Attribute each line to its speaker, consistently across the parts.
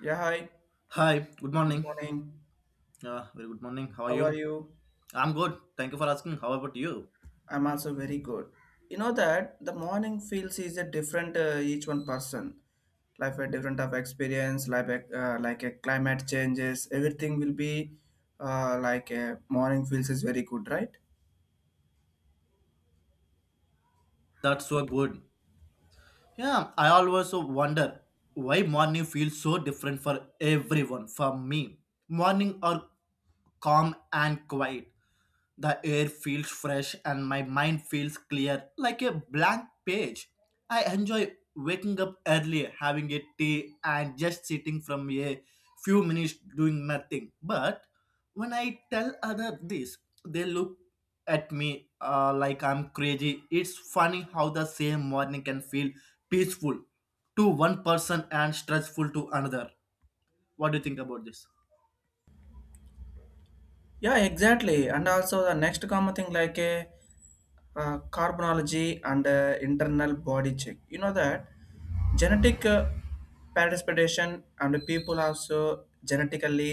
Speaker 1: Yeah, hi.
Speaker 2: Hi, good
Speaker 1: Good
Speaker 2: morning.
Speaker 1: morning.
Speaker 2: Yeah, very good morning. How are
Speaker 1: How are
Speaker 2: you?
Speaker 1: you?
Speaker 2: I'm good. Thank you for asking. How about you?
Speaker 1: I'm also very good. You know that the morning feels is a different each one person. Life a different of experience, like like a climate changes, everything will be like a morning feels is very good, right?
Speaker 2: That's so good. Yeah, I always so wonder why morning feels so different for everyone. For me, morning are calm and quiet. The air feels fresh and my mind feels clear like a blank page. I enjoy waking up early, having a tea, and just sitting from a few minutes doing nothing. But when I tell others this, they look at me like I'm crazy. It's funny how the same morning can feel peaceful to one person and stressful to another. What do you think about this?
Speaker 1: Yeah, exactly. And also the next common thing like a carbonology and internal body check. You know that genetic participation and people also genetically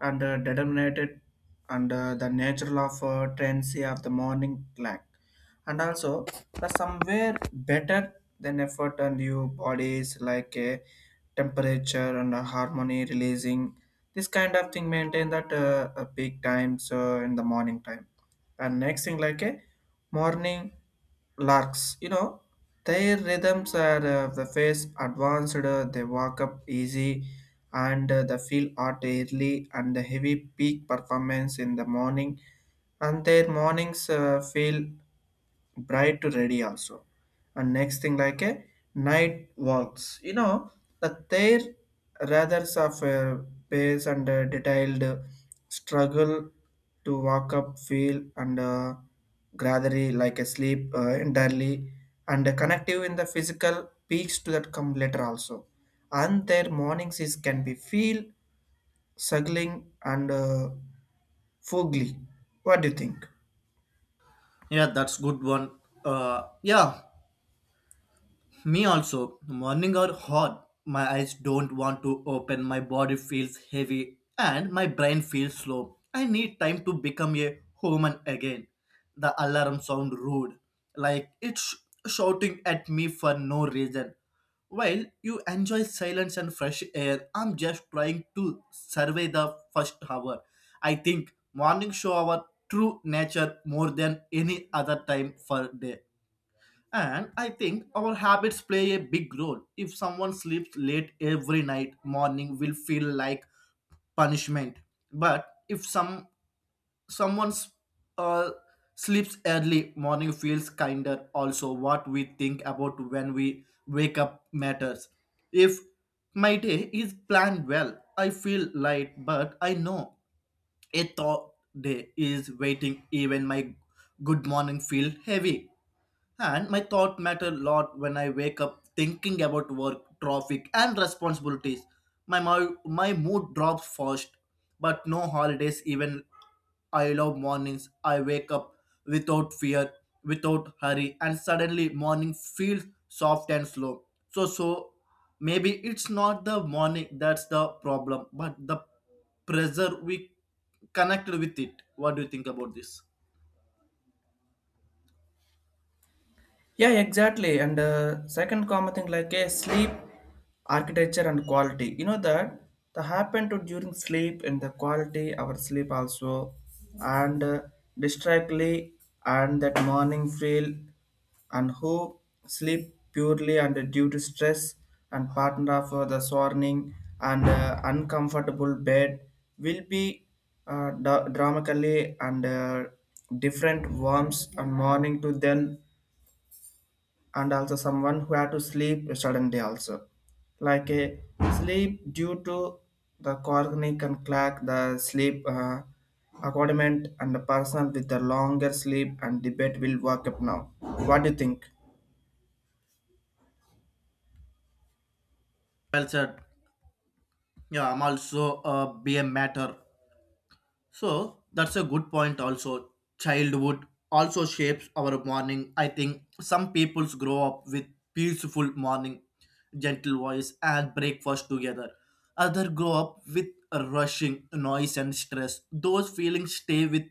Speaker 1: and determinated and the natural of tendency of the morning lack and also the somewhere better than effort and your bodies like a temperature and a harmony releasing this kind of thing maintain that a peak time so in the morning time and next thing like a morning larks, you know, their rhythms are the face advanced, they walk up easy and they feel hot early and the heavy peak performance in the morning and their mornings feel bright to ready also and next thing like a night walks, you know, that their rather of a pace and a detailed struggle to walk up feel and gradually like a sleep entirely and a connective in the physical peaks to that come later also and their mornings is can be feel struggling and foggy. What do you think?
Speaker 2: Yeah, that's good one. Yeah, me also. Morning are hot. My eyes don't want to open. My body feels heavy and my brain feels slow. I need time to become a human again. The alarm sound rude, like it's shouting at me for no reason. While you enjoy silence and fresh air, I'm just trying to survey the first hour. I think morning show our true nature more than any other time for day. And I think our habits play a big role. If someone sleeps late every night, morning will feel like punishment. But if someone uh, sleeps early, morning feels kinder. Also, what we think about when we wake up matters. If my day is planned well, I feel light, but I know a thought day is waiting. Even my good morning feel heavy. And my thought matter a lot when I wake up thinking about work, traffic, and responsibilities. My, my mood drops fast, but no holidays even I love mornings. I wake up without fear, without hurry, and suddenly morning feels soft and slow. So maybe it's not the morning that's the problem, but the pressure we connected with it. What do you think about this?
Speaker 1: Yeah, exactly. And second common thing like a sleep architecture and quality. You know that the happen to during sleep and the quality our sleep also and distractly and that morning feel and who sleep purely and due to stress and partner for the swarming and uncomfortable bed will be dramatically and different warms and morning to them and also someone who had to sleep suddenly also like a sleep due to the chronic and crack the sleep accompaniment and the person with the longer sleep and debate will work up now. What do you think?
Speaker 2: Well said. Yeah, I'm also be a matter. So that's a good point also. Childhood also shapes our morning. I think some peoples grow up with peaceful morning, gentle voice and breakfast together. Other grow up with rushing noise and stress. Those feelings stay with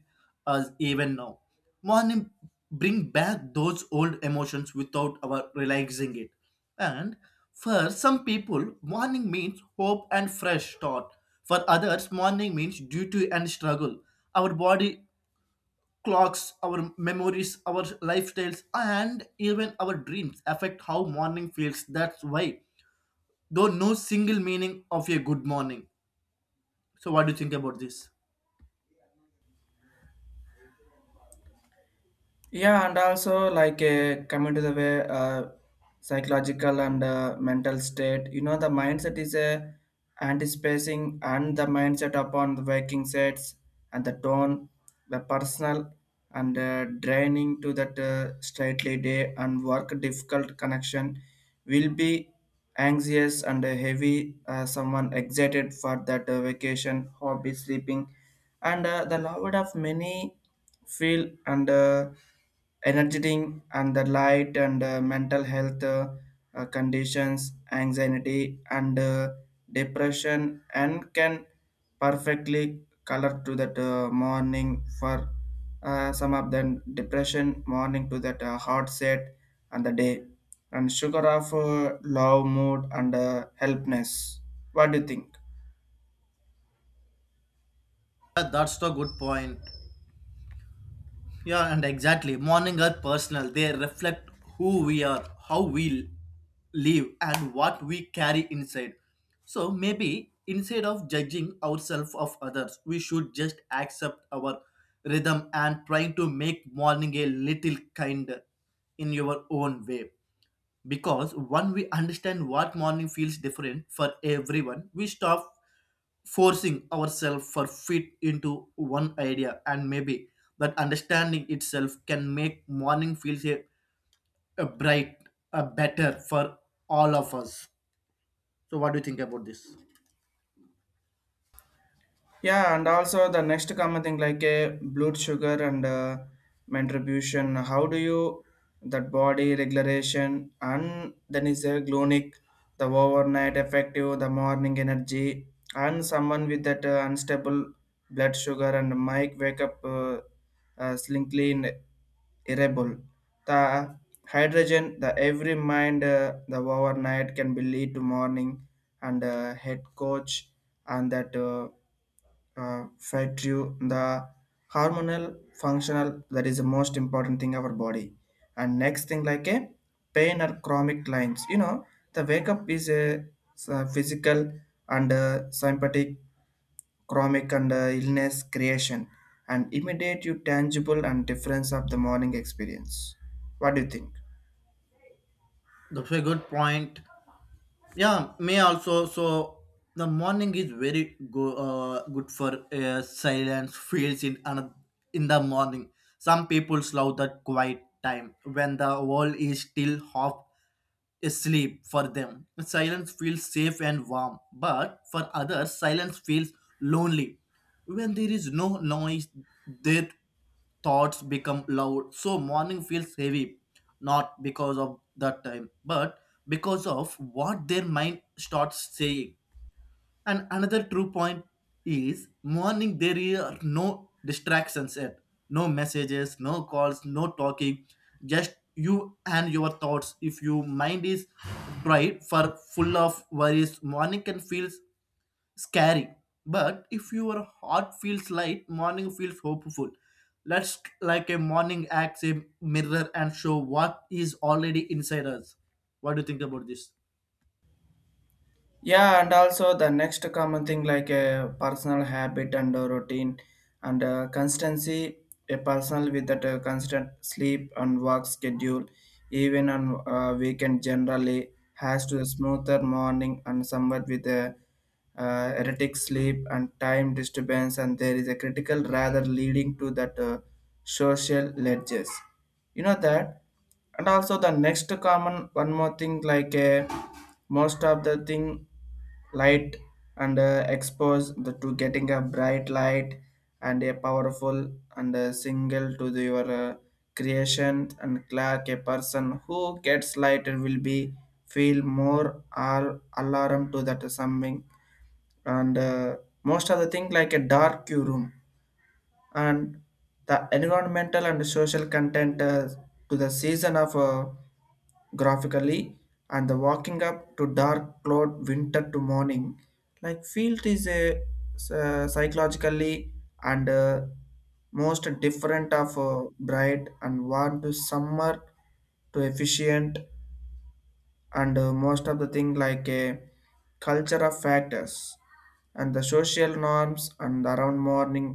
Speaker 2: us even now. Morning bring back those old emotions without our realizing it. And for some people, morning means hope and fresh start. For others, morning means duty and struggle. Our body clocks, our memories, our lifestyles, and even our dreams affect how morning feels. That's why, though, no single meaning of a good morning. So, what do you think about this?
Speaker 1: Yeah, and also like coming to the way, psychological and mental state, you know, the mindset is anticipating and the mindset upon the waking sets and the tone, the personal and draining to that straightly day and work difficult connection will be anxious and heavy. Someone excited for that vacation, hobby, sleeping and the loved of many feel and energetic and the light and mental health conditions anxiety and depression and can perfectly color to that morning for some of them depression morning to that hard set and the day and sugar of love mood and helpness. What do you think?
Speaker 2: Yeah, that's the good point. Yeah, and exactly. Morning are personal. They reflect who we are, how we live, and what we carry inside. So maybe instead of judging ourselves of others, we should just accept our rhythm and trying to make morning a little kinder in your own way. Because when we understand what morning feels different for everyone, we stop forcing ourselves for fit into one idea, and maybe that understanding itself can make morning feels a bright a better for all of us. So what do you think about this?
Speaker 1: Yeah, and also the next common thing like a blood sugar and mentribution. How do you that body regulation and then is a glonic, the overnight effective, the morning energy, and someone with that unstable blood sugar and might wake up slinkly in irritable. The hydrogen, the every mind, the overnight can be lead to morning and head coach and that. Fed you the hormonal functional that is the most important thing our body and next thing like a pain or chronic lines, you know, the wake up is a, physical and sympathetic chronic and illness creation and immediate you tangible and difference of the morning experience. What do you think?
Speaker 2: That's a good point. Yeah, may also so the morning is very good for silence fields in the morning. Some people love that quiet time when the world is still half sleep for them. Silence feels safe and warm, but for others, silence feels lonely. When there is no noise, their thoughts become loud. So morning feels heavy, not because of that time, but because of what their mind starts saying. And another true point is morning there are no distractions yet. No messages, no calls, no talking, just you and your thoughts. If your mind is tried for full of worries, morning can feel scary. But if your heart feels light, morning feels hopeful. Let's like a morning acts a mirror and show what is already inside us. What do you think about this?
Speaker 1: Yeah, and also the next common thing like a personal habit and a routine and constancy, a personal with that constant sleep and work schedule, even on a weekend, generally has to a smoother morning and somewhat with a erratic sleep and time disturbance, and there is a critical rather leading to that social ledges. You know that, and also the next common one more thing like most of the thing light and expose the, to getting a bright light and a powerful and a single to the, your creation and clark a person who gets light will be feel more or alarm to that something and most of the thing like a dark room and the environmental and social content to the season of graphically and the walking up to dark cloud winter to morning like field is a psychologically and most different of bright and warm to summer to efficient and most of the thing like a culture of factors and the social norms and around morning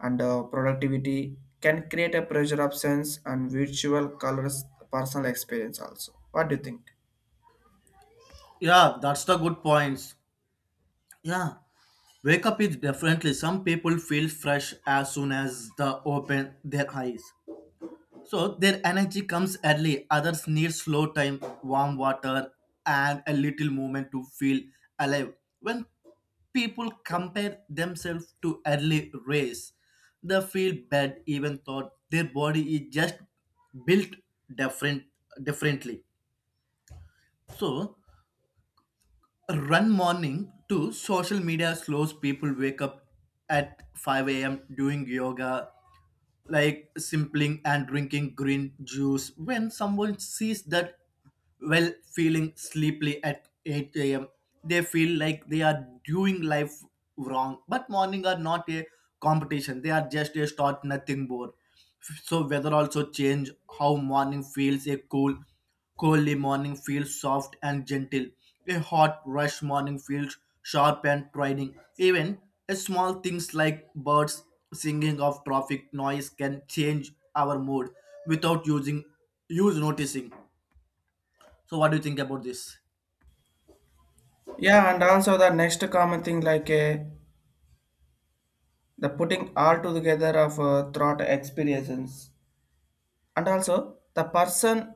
Speaker 1: and productivity can create a pressure of sense and virtual colors personal experience also. What do you think?
Speaker 2: Yeah, that's the good points. Yeah, wake up is definitely some people feel fresh as soon as they open their eyes. So their energy comes early, others need slow time, warm water, and a little movement to feel alive. When people compare themselves to early race, they feel bad even though their body is just built different differently. So run morning to social media slows people wake up at 5 a.m doing yoga like simpling and drinking green juice. When someone sees that well feeling sleepy at 8 a.m, they feel like they are doing life wrong. But morning are not a competition, they are just a start, nothing board. So weather also change how morning feels. A cool Coldly morning feels soft and gentle. A hot, rush morning feels sharp and trying. Even a small things like birds singing of traffic noise can change our mood without using use noticing. So, what do you think about this?
Speaker 1: Yeah, and also the next common thing like the putting all together of throughout experiences, and also the person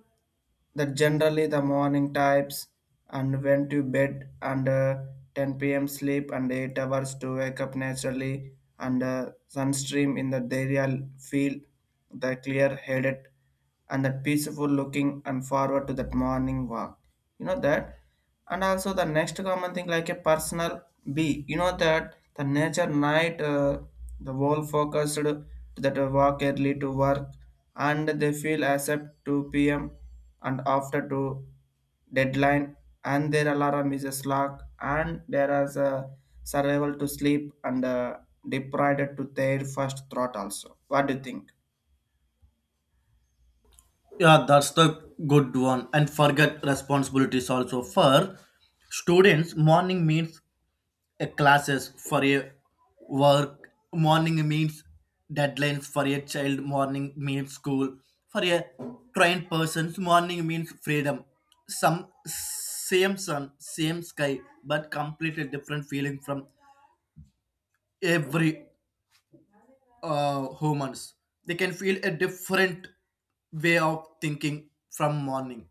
Speaker 1: that generally the morning types and went to bed under 10 p.m. sleep and 8 hours to wake up naturally and sunstream in the area feel the clear headed and the peaceful looking and forward to that morning walk. You know that? And also the next common thing like a personal B. You know that the nature night, the whole focused to that walk early to work and they feel as at 2 p.m and after to deadline and their alarm is a slack and there is a survival to sleep and deprived to their first thought also. What do you think?
Speaker 2: Yeah, that's the good one. And forget responsibilities also. For students, morning means a classes, for a work morning means deadlines, for a child morning means school, for a trained person's morning means freedom. Some same sun, same sky, but completely different feeling from every humans. They can feel a different way of thinking from morning.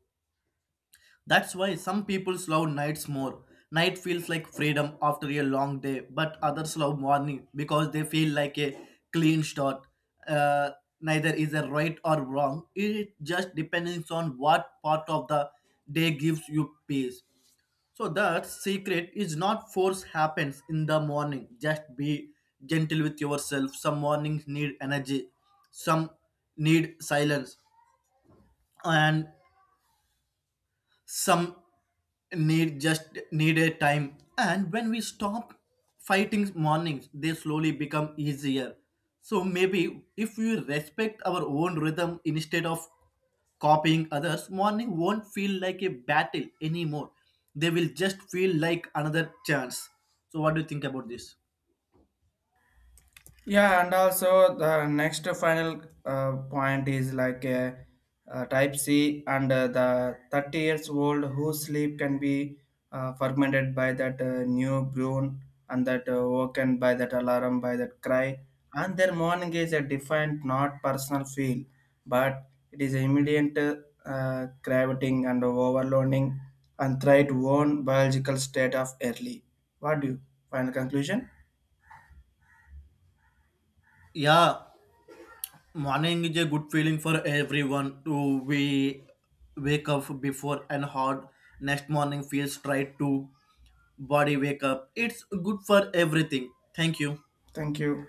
Speaker 2: That's why some people love nights more. Night feels like freedom after a long day, but others love morning because they feel like a clean start. Uh, Neither is a right or wrong. It just depends on what part of the day gives you peace. So that secret is not force happens in the morning. Just be gentle with yourself. Some mornings need energy, some need silence, and some need just need a time. And when we stop fighting mornings, they slowly become easier. So maybe if we respect our own rhythm instead of copying others, morning won't feel like a battle anymore. They will just feel like another chance. So what do you think about this?
Speaker 1: Yeah, and also the next final point is like a type C and the 30 years old whose sleep can be fermented by that new broon and that woken by that alarm by that cry and their morning is a defined not personal feel but it is immediate craving and overloading and threat own biological state of early. What do you final conclusion?
Speaker 2: Yeah, morning is a good feeling for everyone. To we wake up before and hard, next morning feels tried to body wake up. It's good for everything. Thank you.
Speaker 1: Thank you.